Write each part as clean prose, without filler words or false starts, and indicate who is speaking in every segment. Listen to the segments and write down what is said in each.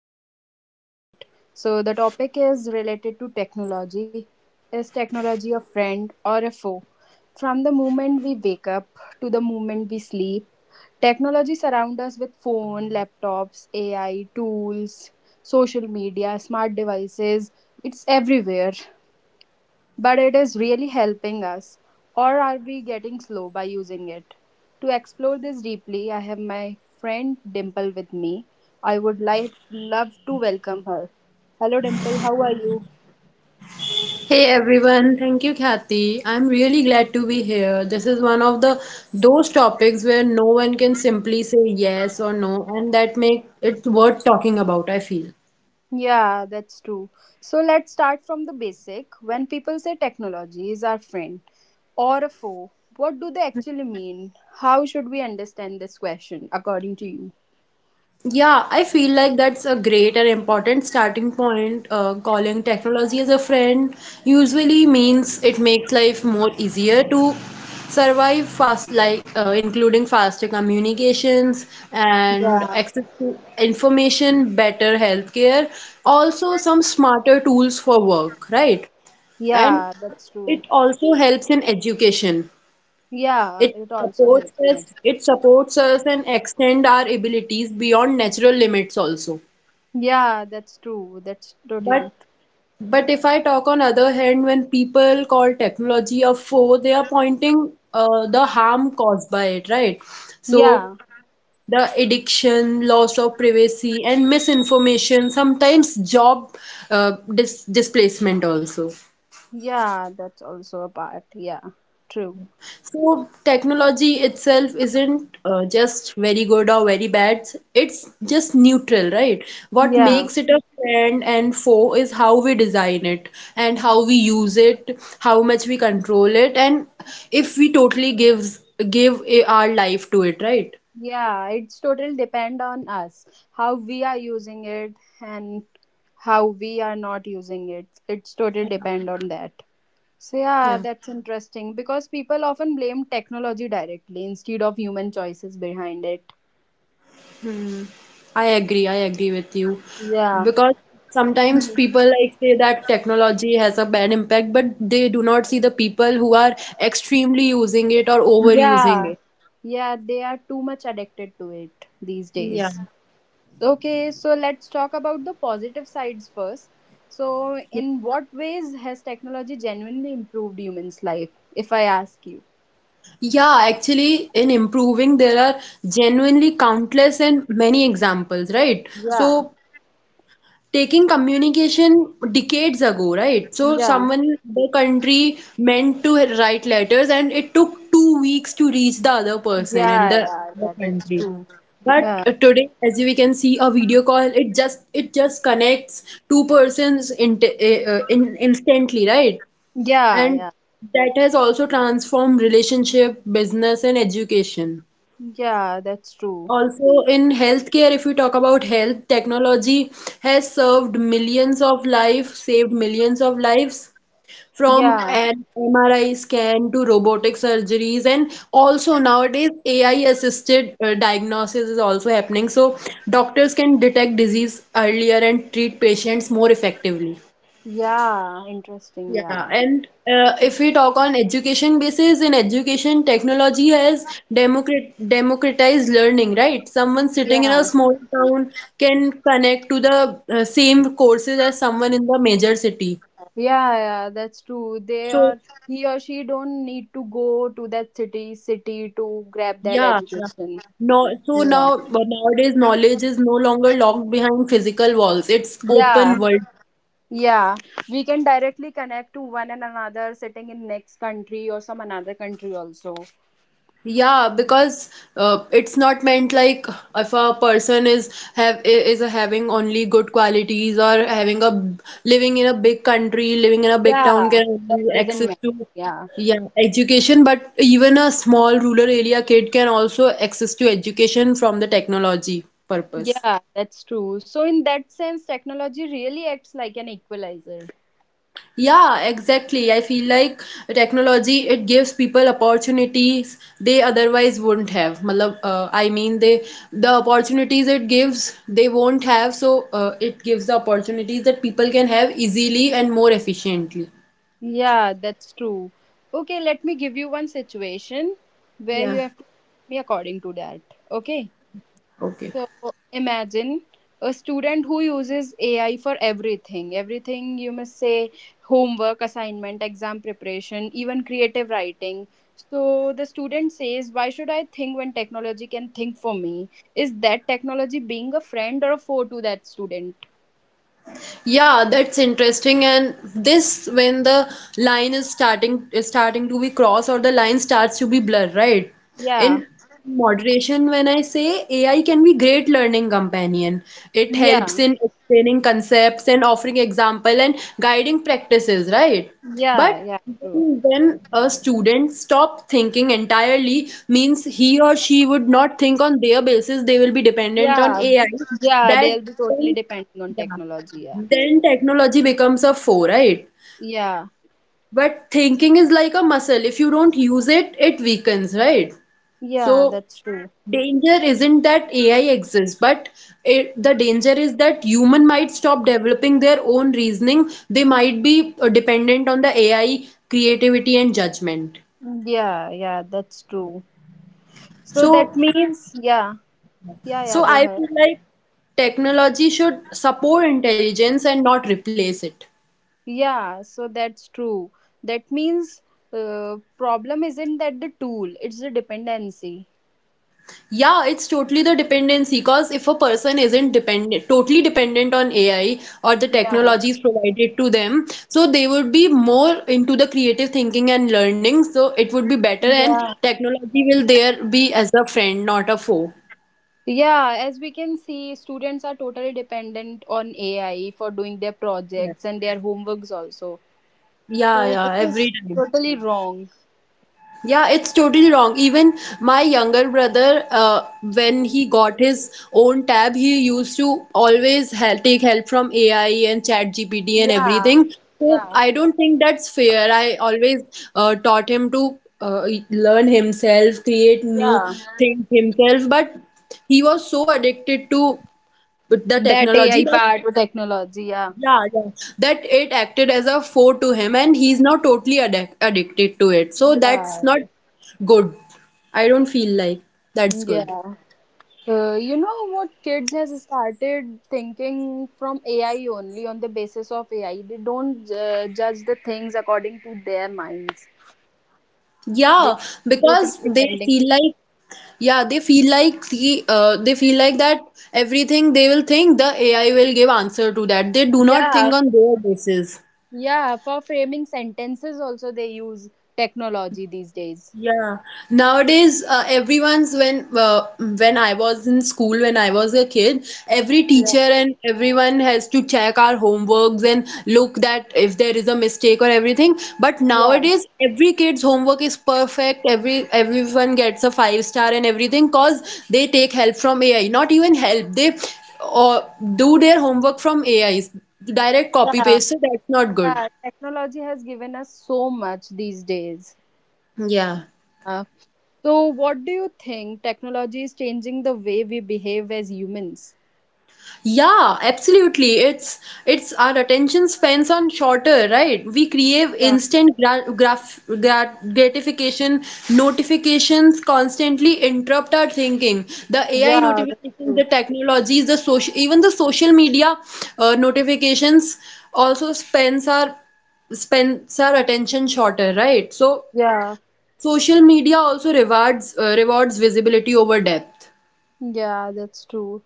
Speaker 1: realize it or not. So, the topic is related to technology. Is technology a friend or a foe? From the moment we wake up to the moment we sleep, technology surrounds us with phone, laptops, AI tools, social media, smart devices. It's everywhere but it is really helping us, or are we getting slow by using it? To explore this deeply, I have my friend Dimple with me. I would like love to welcome her. Hello Dimple, how are you?
Speaker 2: Hey everyone, thank you, Kathy. I'm really glad to be here. This is one of the those topics where no one can simply say yes or no, and that make it worth talking about, I feel.
Speaker 1: Yeah, that's true. So let's start from the basic. When people say technology is our friend or a foe, what do they actually mean? How should we understand this question according to you?
Speaker 2: Yeah, I feel like that's a great and important starting point. Calling technology as a friend usually means it makes life more easier to survive fast, like including faster communications and
Speaker 1: Yeah.
Speaker 2: access to information, better healthcare, also some smarter tools for work, right? And
Speaker 1: Yeah, that's true.
Speaker 2: it also helps in education,
Speaker 1: Yeah, it also helps me.
Speaker 2: it supports us and extend our abilities beyond natural limits also.
Speaker 1: Yeah, that's true. That's totally.
Speaker 2: But but if I talk on other hand, when people call technology a foe, they are pointing the harm caused by it, right? So
Speaker 1: Yeah,
Speaker 2: the addiction, loss of privacy, and misinformation, sometimes job displacement also.
Speaker 1: yeah, that's also a part. Yeah, true.
Speaker 2: So technology itself isn't just very good or very bad. It's just neutral, right? What
Speaker 1: Yeah, mhm.
Speaker 2: makes it a friend and foe is how we design it and how we use it, how much we control it, and if we totally our life to it, right?
Speaker 1: Yeah, it's totally depend on us how we are using it and how we are not using it. It's totally depend on that. So yeah,
Speaker 2: Yeah,
Speaker 1: that's interesting because people often blame technology directly instead of human choices behind it.
Speaker 2: I agree. I agree with you
Speaker 1: Yeah.
Speaker 2: because sometimes
Speaker 1: Mhm.
Speaker 2: people like say that technology has a bad impact, but they do not see the people who are extremely using it or overusing
Speaker 1: Yeah.
Speaker 2: it.
Speaker 1: Yeah, they are too much addicted to it these
Speaker 2: Yeah.
Speaker 1: days. So, okay, so let's talk about the positive sides first. So, in what ways has technology genuinely improved humans' life, if I ask you?
Speaker 2: Yeah, actually, in improving, there are genuinely countless and many examples, right?
Speaker 1: Yeah,
Speaker 2: So, taking communication decades ago, right? So,
Speaker 1: yeah,
Speaker 2: someone in the country meant to write letters, and it took 2 weeks to reach the other person in
Speaker 1: yeah,
Speaker 2: the
Speaker 1: yeah,
Speaker 2: other
Speaker 1: yeah, that's
Speaker 2: country.
Speaker 1: true.
Speaker 2: But
Speaker 1: Yeah,
Speaker 2: today, as we can see, a video call it just connects two persons in instantly, right?
Speaker 1: yeah,
Speaker 2: And
Speaker 1: yeah,
Speaker 2: that has also transformed relationship, business, and education.
Speaker 1: yeah, that's true.
Speaker 2: Also, in healthcare, if we talk about health, technology has served millions of lives, saved millions of lives from
Speaker 1: Yeah,
Speaker 2: an MRI scan to robotic surgeries. And also, nowadays, AI assisted diagnosis is also happening. So, doctors can detect disease earlier and treat patients more effectively.
Speaker 1: yeah, interesting.
Speaker 2: Yeah,
Speaker 1: Yeah,
Speaker 2: and if we talk on education basis, in education, technology has democratized learning, right? Someone sitting in a
Speaker 1: yeah,
Speaker 2: small town can connect to the same courses as someone in the major city.
Speaker 1: yeah, that's true. They
Speaker 2: So,
Speaker 1: or he or she don't need to go to that city to grab that
Speaker 2: yeah, yeah.
Speaker 1: education.
Speaker 2: No, so
Speaker 1: Yeah,
Speaker 2: now but nowadays knowledge is no longer locked behind physical walls. It's open
Speaker 1: yeah,
Speaker 2: world.
Speaker 1: yeah, we can directly connect to one and another sitting in next country or some another country also.
Speaker 2: Yeah, because it's not meant like if a person is have is having only good qualities or having a living in a big country, living in a big town
Speaker 1: Yeah,
Speaker 2: can
Speaker 1: that
Speaker 2: only
Speaker 1: doesn't
Speaker 2: access
Speaker 1: matter.
Speaker 2: to
Speaker 1: Yeah.
Speaker 2: yeah education, but even a small rural area kid can also access to education from the technology purpose.
Speaker 1: Yeah, that's true. So in that sense, technology really acts like an equalizer.
Speaker 2: Yeah, exactly. I feel like technology it gives people opportunities they otherwise wouldn't have. I mean, the opportunities it gives they won't have. So it gives the opportunities that people can have easily and more efficiently.
Speaker 1: Yeah, that's true. Okay, let me give you one situation where
Speaker 2: Yeah.
Speaker 1: you have to me according to that. Okay.
Speaker 2: Okay.
Speaker 1: So imagine a student who uses AI for everything. Everything you must say homework, assignment, exam preparation, even creative writing. So the student says, why should I think when technology can think for me? Is that technology being a friend or a foe to that student?
Speaker 2: Yeah, that's interesting. And this when the line is starting to be crossed or the line starts to be blurred, right?
Speaker 1: Yeah.
Speaker 2: In moderation, when I say AI can be great learning companion. It helps
Speaker 1: Yeah.
Speaker 2: in explaining concepts and offering example and guiding practices, right?
Speaker 1: Yeah.
Speaker 2: But
Speaker 1: Yeah. True.
Speaker 2: when a student stop thinking entirely means he or she would not think on their basis, they will be dependent on
Speaker 1: Yeah.
Speaker 2: AI.
Speaker 1: Yeah.
Speaker 2: That
Speaker 1: They'll be totally
Speaker 2: then
Speaker 1: depending on
Speaker 2: yeah
Speaker 1: technology. Yeah.
Speaker 2: then technology becomes a foe, right?
Speaker 1: Yeah.
Speaker 2: But thinking is like a muscle. If you don't use it, it weakens, right?
Speaker 1: Yeah.
Speaker 2: So
Speaker 1: That's true.
Speaker 2: danger isn't that AI exists, but the danger is that human might stop developing their own reasoning. They might be dependent on the AI creativity and judgment.
Speaker 1: Yeah. Yeah. That's true. So
Speaker 2: So,
Speaker 1: that means, yeah, yeah, yeah,
Speaker 2: so,
Speaker 1: go
Speaker 2: I
Speaker 1: ahead.
Speaker 2: feel like technology should support intelligence and not replace it.
Speaker 1: Yeah, so that's true. That means problem isn't that the tool, it's the dependency.
Speaker 2: Yeah, it's totally the dependency. Because if a person isn't dependent, totally dependent on AI or the
Speaker 1: Yeah.
Speaker 2: technologies provided to them, so they would be more into the creative thinking and learning. So it would be better, and
Speaker 1: Yeah.
Speaker 2: technology will there be as a friend, not a foe.
Speaker 1: Yeah, as we can see, students are totally dependent on AI for doing their
Speaker 2: Yeah.
Speaker 1: projects and their homeworks also.
Speaker 2: Yeah,
Speaker 1: So which
Speaker 2: yeah, every
Speaker 1: is
Speaker 2: time.
Speaker 1: totally wrong.
Speaker 2: Yeah, it's totally wrong. Even my younger brother, when he got his own tab, he used to always help, take help from AI and ChatGPT and
Speaker 1: Yeah.
Speaker 2: everything. So
Speaker 1: Yeah.
Speaker 2: I don't think that's fair. I always taught him to learn himself, create new
Speaker 1: Yeah.
Speaker 2: things himself, but he was so addicted to the
Speaker 1: That
Speaker 2: technology
Speaker 1: AI
Speaker 2: that
Speaker 1: part of technology, yeah.
Speaker 2: yeah, yeah. That it acted as a foe to him, and he's now totally addicted to it. So that's not
Speaker 1: Yeah.
Speaker 2: good. I don't feel like that's good.
Speaker 1: Yeah. You know what kids has started thinking from AI only on the basis of AI. They don't judge the things according to their minds. They
Speaker 2: Yeah,
Speaker 1: totally
Speaker 2: because they
Speaker 1: depending.
Speaker 2: feel like yeah, they feel like that everything they will think the AI will give answer to that. They do not
Speaker 1: Yeah,
Speaker 2: think on their basis.
Speaker 1: yeah. For framing sentences, also they use technology these days.
Speaker 2: Yeah. Nowadays, everyone's when I was in school, when I was a kid, every
Speaker 1: Yeah,
Speaker 2: teacher and everyone has to check our homeworks and look that if there is a mistake or everything. But
Speaker 1: yeah,
Speaker 2: nowadays, every kid's homework is perfect. Everyone gets a five star and everything cause they take help from AI. Not even help, they or do their homework from AIs. Direct copy paste, so that's not good.
Speaker 1: yeah. Technology has given us so much these days.
Speaker 2: Yeah.
Speaker 1: Uh, so, what do you think? Technology is changing the way we behave as humans.
Speaker 2: Yeah, absolutely. It's our attention spans on shorter, right? We crave instant gra graf gra gratification, notifications constantly interrupt our thinking. The AI
Speaker 1: Yeah, that's
Speaker 2: notifications,
Speaker 1: true.
Speaker 2: the technologies, the social, even the social media notifications also spends our attention shorter, right? So
Speaker 1: Yeah.
Speaker 2: social media also rewards rewards visibility over depth.
Speaker 1: Yeah, that's true.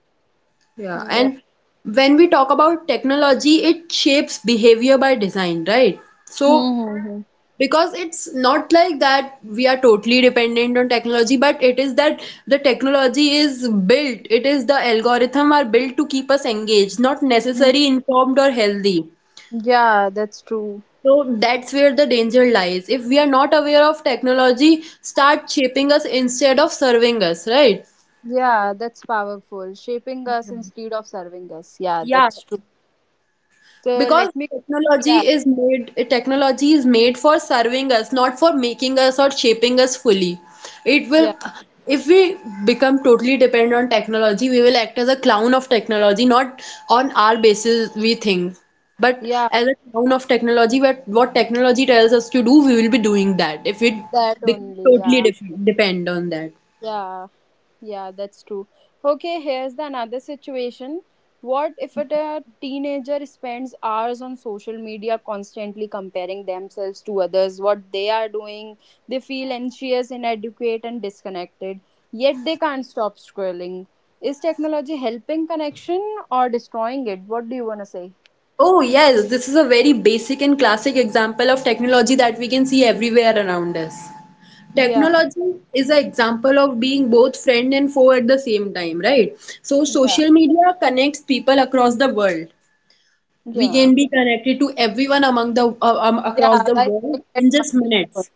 Speaker 2: Yeah,
Speaker 1: Yeah.
Speaker 2: and when we talk about technology, it shapes behavior by design, right? So,
Speaker 1: Mm-hmm.
Speaker 2: because it's not like that we are totally dependent on technology, but it is that the technology is built, it is the algorithm are built to keep us engaged, not necessary informed or healthy.
Speaker 1: Yeah, that's true.
Speaker 2: So that's where the danger lies. If we are not aware of technology, start shaping us instead of serving us, right?
Speaker 1: Yeah, that's powerful. Shaping us instead of serving us. Yeah,
Speaker 2: Yeah,
Speaker 1: that's true. So
Speaker 2: because
Speaker 1: let me. Yeah,
Speaker 2: technology is made for serving us, not for making us or shaping us fully. It will,
Speaker 1: yeah,
Speaker 2: if we become totally dependent on technology, we will act as a clown of technology, not on our basis we think. But
Speaker 1: yeah.
Speaker 2: as a clown of technology, what technology tells us to do, we will be doing that. If we
Speaker 1: That
Speaker 2: become
Speaker 1: only.
Speaker 2: totally
Speaker 1: Yeah,
Speaker 2: def depend on that.
Speaker 1: yeah. Yeah, that's true. Okay, here's the another situation. What if it, a teenager spends hours on social media constantly comparing themselves to others, what they are doing? They feel anxious, inadequate, and disconnected, yet they can't stop scrolling. Is technology helping connection or destroying it? What do you want to say?
Speaker 2: Oh, yes, this is a very basic and classic example of technology that we can see everywhere around us.
Speaker 1: Yeah,
Speaker 2: Technology is an example of being both friend and foe at the same time, right? So,
Speaker 1: yeah,
Speaker 2: social media connects people across the world. We
Speaker 1: yeah,
Speaker 2: can be connected to everyone among the across
Speaker 1: yeah,
Speaker 2: the
Speaker 1: by
Speaker 2: world
Speaker 1: sitting at
Speaker 2: in just
Speaker 1: one place. Only.
Speaker 2: minutes.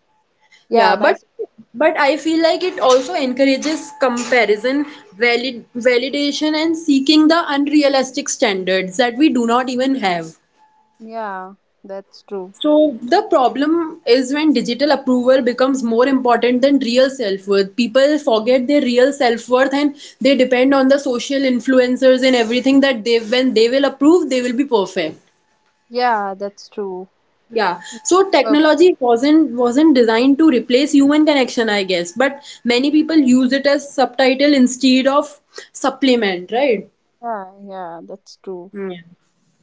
Speaker 1: Yeah,
Speaker 2: Yeah,
Speaker 1: by,
Speaker 2: but but I feel like it also encourages comparison, validation, and seeking the unrealistic standards that we do not even have.
Speaker 1: yeah, that's true.
Speaker 2: So the problem is when digital approval becomes more important than real self-worth. People forget their real self-worth and they depend on the social influencers and everything that they when they will approve, they will be perfect.
Speaker 1: Yeah, that's true.
Speaker 2: Yeah. So technology wasn't designed to replace human connection, I guess. But many people use it as subtitle instead of supplement, right?
Speaker 1: Yeah, that's true.
Speaker 2: Yeah.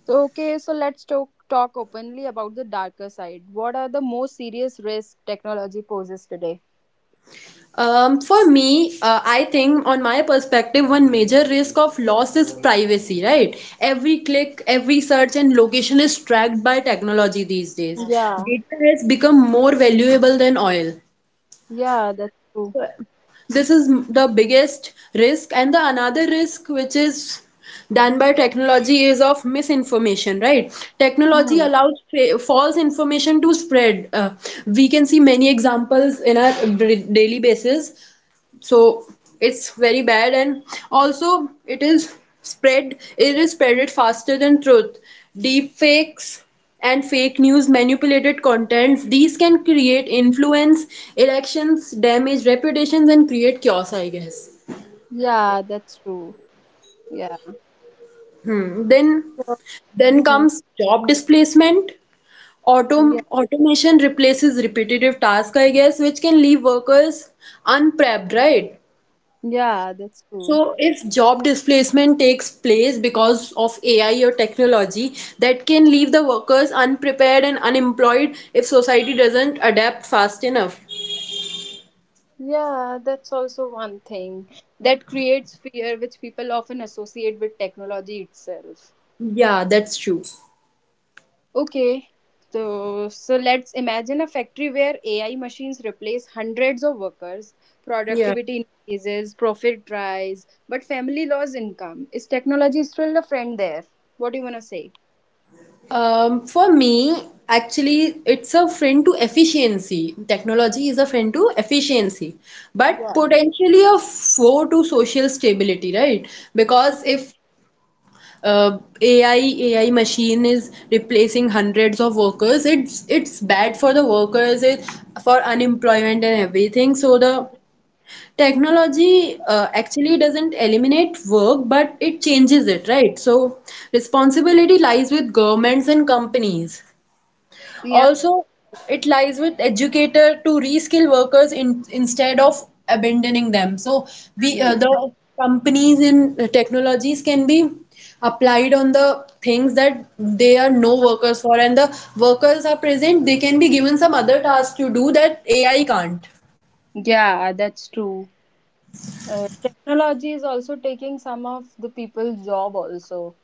Speaker 1: So, okay, so let's talk openly about the darker side. What are the most serious risks technology poses today?
Speaker 2: For me, I think, on my perspective, one major risk of loss is privacy, right? Every click, every search, and location is tracked by technology these days.
Speaker 1: Yeah,
Speaker 2: Data has become more valuable than oil.
Speaker 1: yeah, that's true.
Speaker 2: This is the biggest risk, and the another risk, which is done by technology is of misinformation, right? Technology
Speaker 1: Hmm.
Speaker 2: allows false information to spread. We can see many examples in our daily basis, so it's very bad. And also it is spreaded faster than truth. Deep fakes and fake news, manipulated contents, these can create influence, elections, damage reputations and create chaos, I guess.
Speaker 1: Yeah, that's true. Yeah.
Speaker 2: then
Speaker 1: So,
Speaker 2: then
Speaker 1: hmm,
Speaker 2: comes job displacement.
Speaker 1: Yeah,
Speaker 2: Automation replaces repetitive tasks, I guess, which can leave workers unprepped, right?
Speaker 1: yeah that's true.
Speaker 2: So, if job displacement takes place because of AI or technology, that can leave the workers unprepared and unemployed if society doesn't adapt fast enough.
Speaker 1: Yeah, that's also one thing that creates fear, which people often associate with technology itself.
Speaker 2: Yeah, that's true.
Speaker 1: Okay, so let's imagine a factory where AI machines replace hundreds of workers,
Speaker 2: Yeah.
Speaker 1: productivity increases, profit rise, but family loss income. Is technology still a friend there? What do you wanna say?
Speaker 2: For me, actually, it's a friend to efficiency. Technology is a friend to efficiency, but potentially a foe to social stability, right? Because if uh, AI AI machine is replacing hundreds of workers. It's bad for the workers, for unemployment and everything. So the technology actually doesn't eliminate work, but it changes it, right? So responsibility lies with governments and companies.
Speaker 1: Yeah,
Speaker 2: Also, it lies with educator to reskill workers instead of abandoning them. So we
Speaker 1: yeah,
Speaker 2: the companies in technologies can be applied on the things that they are no workers for, and the workers are present, they can be given some other task to do that AI can't.
Speaker 1: yeah, that's true. Technology is also taking some of the people's job also.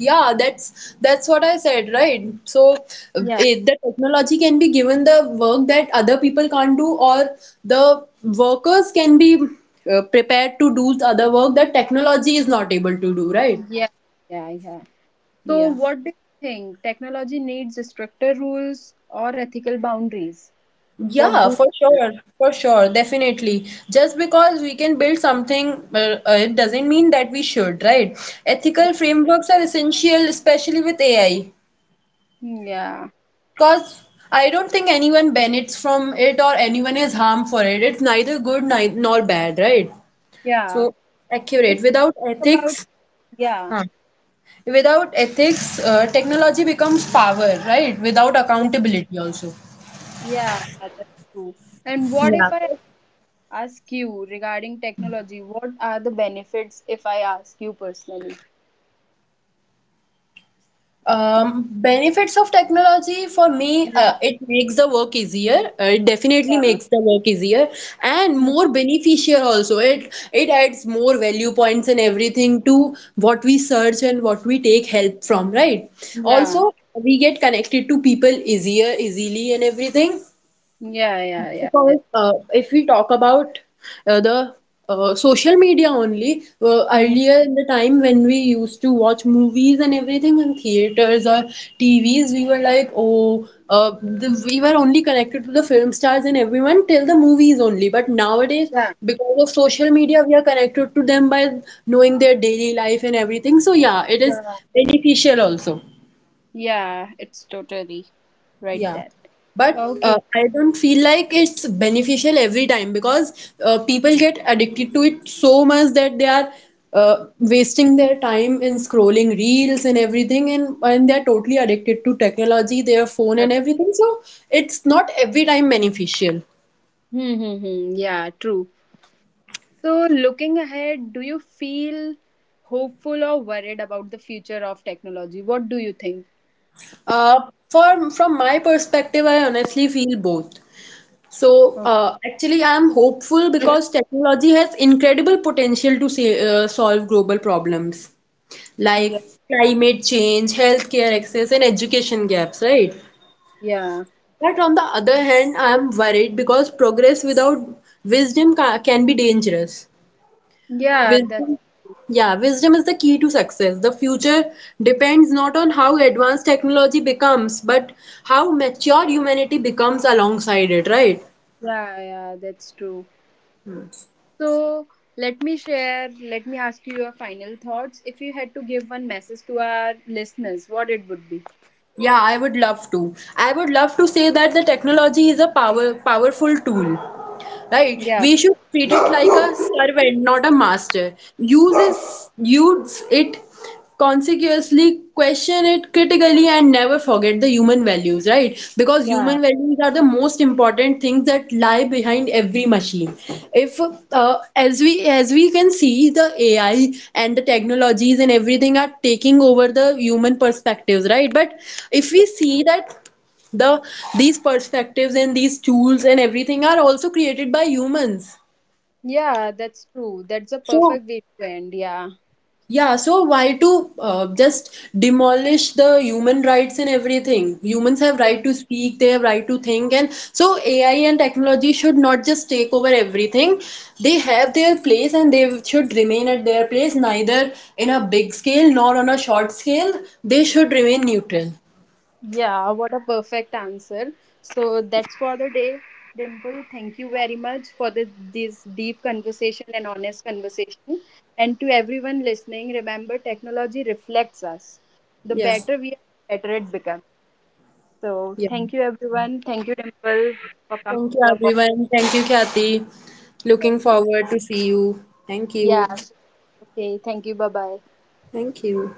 Speaker 2: Yeah, that's what I said, right? So
Speaker 1: Yeah,
Speaker 2: the technology can be given the work that other people can't do, or the workers can be prepared to do the other work that technology is not able to do, right?
Speaker 1: yeah, yeah. So
Speaker 2: Yeah.
Speaker 1: what do you think? Technology needs stricter rules or ethical boundaries? What
Speaker 2: Yeah,
Speaker 1: do
Speaker 2: definitely. Just because we can build something, it doesn't mean that we should, right? Ethical frameworks are essential, especially with AI.
Speaker 1: you? Yeah.
Speaker 2: Because I don't think anyone benefits from it or anyone is harmed for it. It's neither good nor bad, right?
Speaker 1: Yeah.
Speaker 2: So accurate.
Speaker 1: If about yeah,
Speaker 2: Without ethics, technology becomes power, right? Without
Speaker 1: yeah,
Speaker 2: accountability also.
Speaker 1: yeah, that's true. And what
Speaker 2: Yeah.
Speaker 1: if I ask you regarding technology? What are the benefits if I ask you personally?
Speaker 2: Benefits of technology for me,
Speaker 1: Yeah,
Speaker 2: it makes the work easier. It definitely
Speaker 1: yeah,
Speaker 2: makes the work easier and
Speaker 1: mm,
Speaker 2: more beneficial also. It adds more value points and everything to what we search and what we take help from, right?
Speaker 1: yeah,
Speaker 2: Also, we get connected to people easier, easily and everything.
Speaker 1: yeah.
Speaker 2: Because
Speaker 1: That,
Speaker 2: if we talk about the social media only,
Speaker 1: mm,
Speaker 2: earlier in the time when we used to watch movies and everything in theaters or TVs, we were like, oh, we were only connected to the film stars and everyone till the movies only. But nowadays,
Speaker 1: yeah,
Speaker 2: because of social media, we are connected to them by knowing their daily life and everything. So, yeah, it is
Speaker 1: yeah,
Speaker 2: beneficial also.
Speaker 1: yeah. It's totally right.
Speaker 2: Yeah,
Speaker 1: That
Speaker 2: but
Speaker 1: okay.
Speaker 2: I don't feel like it's beneficial every time because people get addicted to it so much that they are wasting their time in scrolling reels and everything, and they're totally addicted to technology, their phone
Speaker 1: Yeah,
Speaker 2: and everything. So it's not every time beneficial.
Speaker 1: Hmm. Yeah, true. So, looking ahead, do you feel hopeful or worried about the future of technology? What do you think?
Speaker 2: Uh, for From my perspective, I honestly feel both. So
Speaker 1: Okay.
Speaker 2: actually, I am hopeful because technology has incredible potential to say, solve global problems. Like
Speaker 1: Yeah.
Speaker 2: climate change, healthcare access, and education gaps, right?
Speaker 1: Yeah.
Speaker 2: But on the other hand, I am worried because progress without wisdom can be dangerous.
Speaker 1: Yeah, that's
Speaker 2: Wisdom, yeah, wisdom is the key to success. The future depends not on how advanced technology becomes, but how mature humanity becomes alongside it, right?
Speaker 1: yeah, that's true. So let me share, let me ask you your final thoughts. If you had to give one message to our listeners, what it would be?
Speaker 2: Yeah, I would love to. I would love to say that the technology is a powerful tool. Right?
Speaker 1: Yeah.
Speaker 2: We should treat it like a servant, not a master. Use it consequently, question it critically and never forget the human values, right? Because human values are the most important things that lie behind every machine. If as we can see, the AI and the technologies and everything are taking over the human perspectives, right? But if we see that the these perspectives and these tools and everything are also created by humans.
Speaker 1: Yeah, that's true. That's a
Speaker 2: So
Speaker 1: perfect way to end. Yeah.
Speaker 2: yeah, so why to just demolish the human rights and everything? Humans have right to speak, they have right to think, and so AI and technology should not just take over everything. They have their place and they should remain at their place, neither in a big scale nor on a short scale. They should remain neutral.
Speaker 1: Yeah, what a perfect answer. So that's for the day. Dimple, thank you very much for the, this deep conversation and honest conversation. And to everyone listening, remember technology reflects us. The
Speaker 2: Yeah,
Speaker 1: better we are, the better it becomes. So
Speaker 2: yeah.
Speaker 1: thank you everyone. Thank you Dimple for coming
Speaker 2: Thank you,
Speaker 1: to our podcast.
Speaker 2: everyone. Thank you, Kathy. Looking
Speaker 1: Thank you.
Speaker 2: forward to see you. Thank you.
Speaker 1: Yeah. Okay. Thank you. Bye bye.
Speaker 2: Thank you.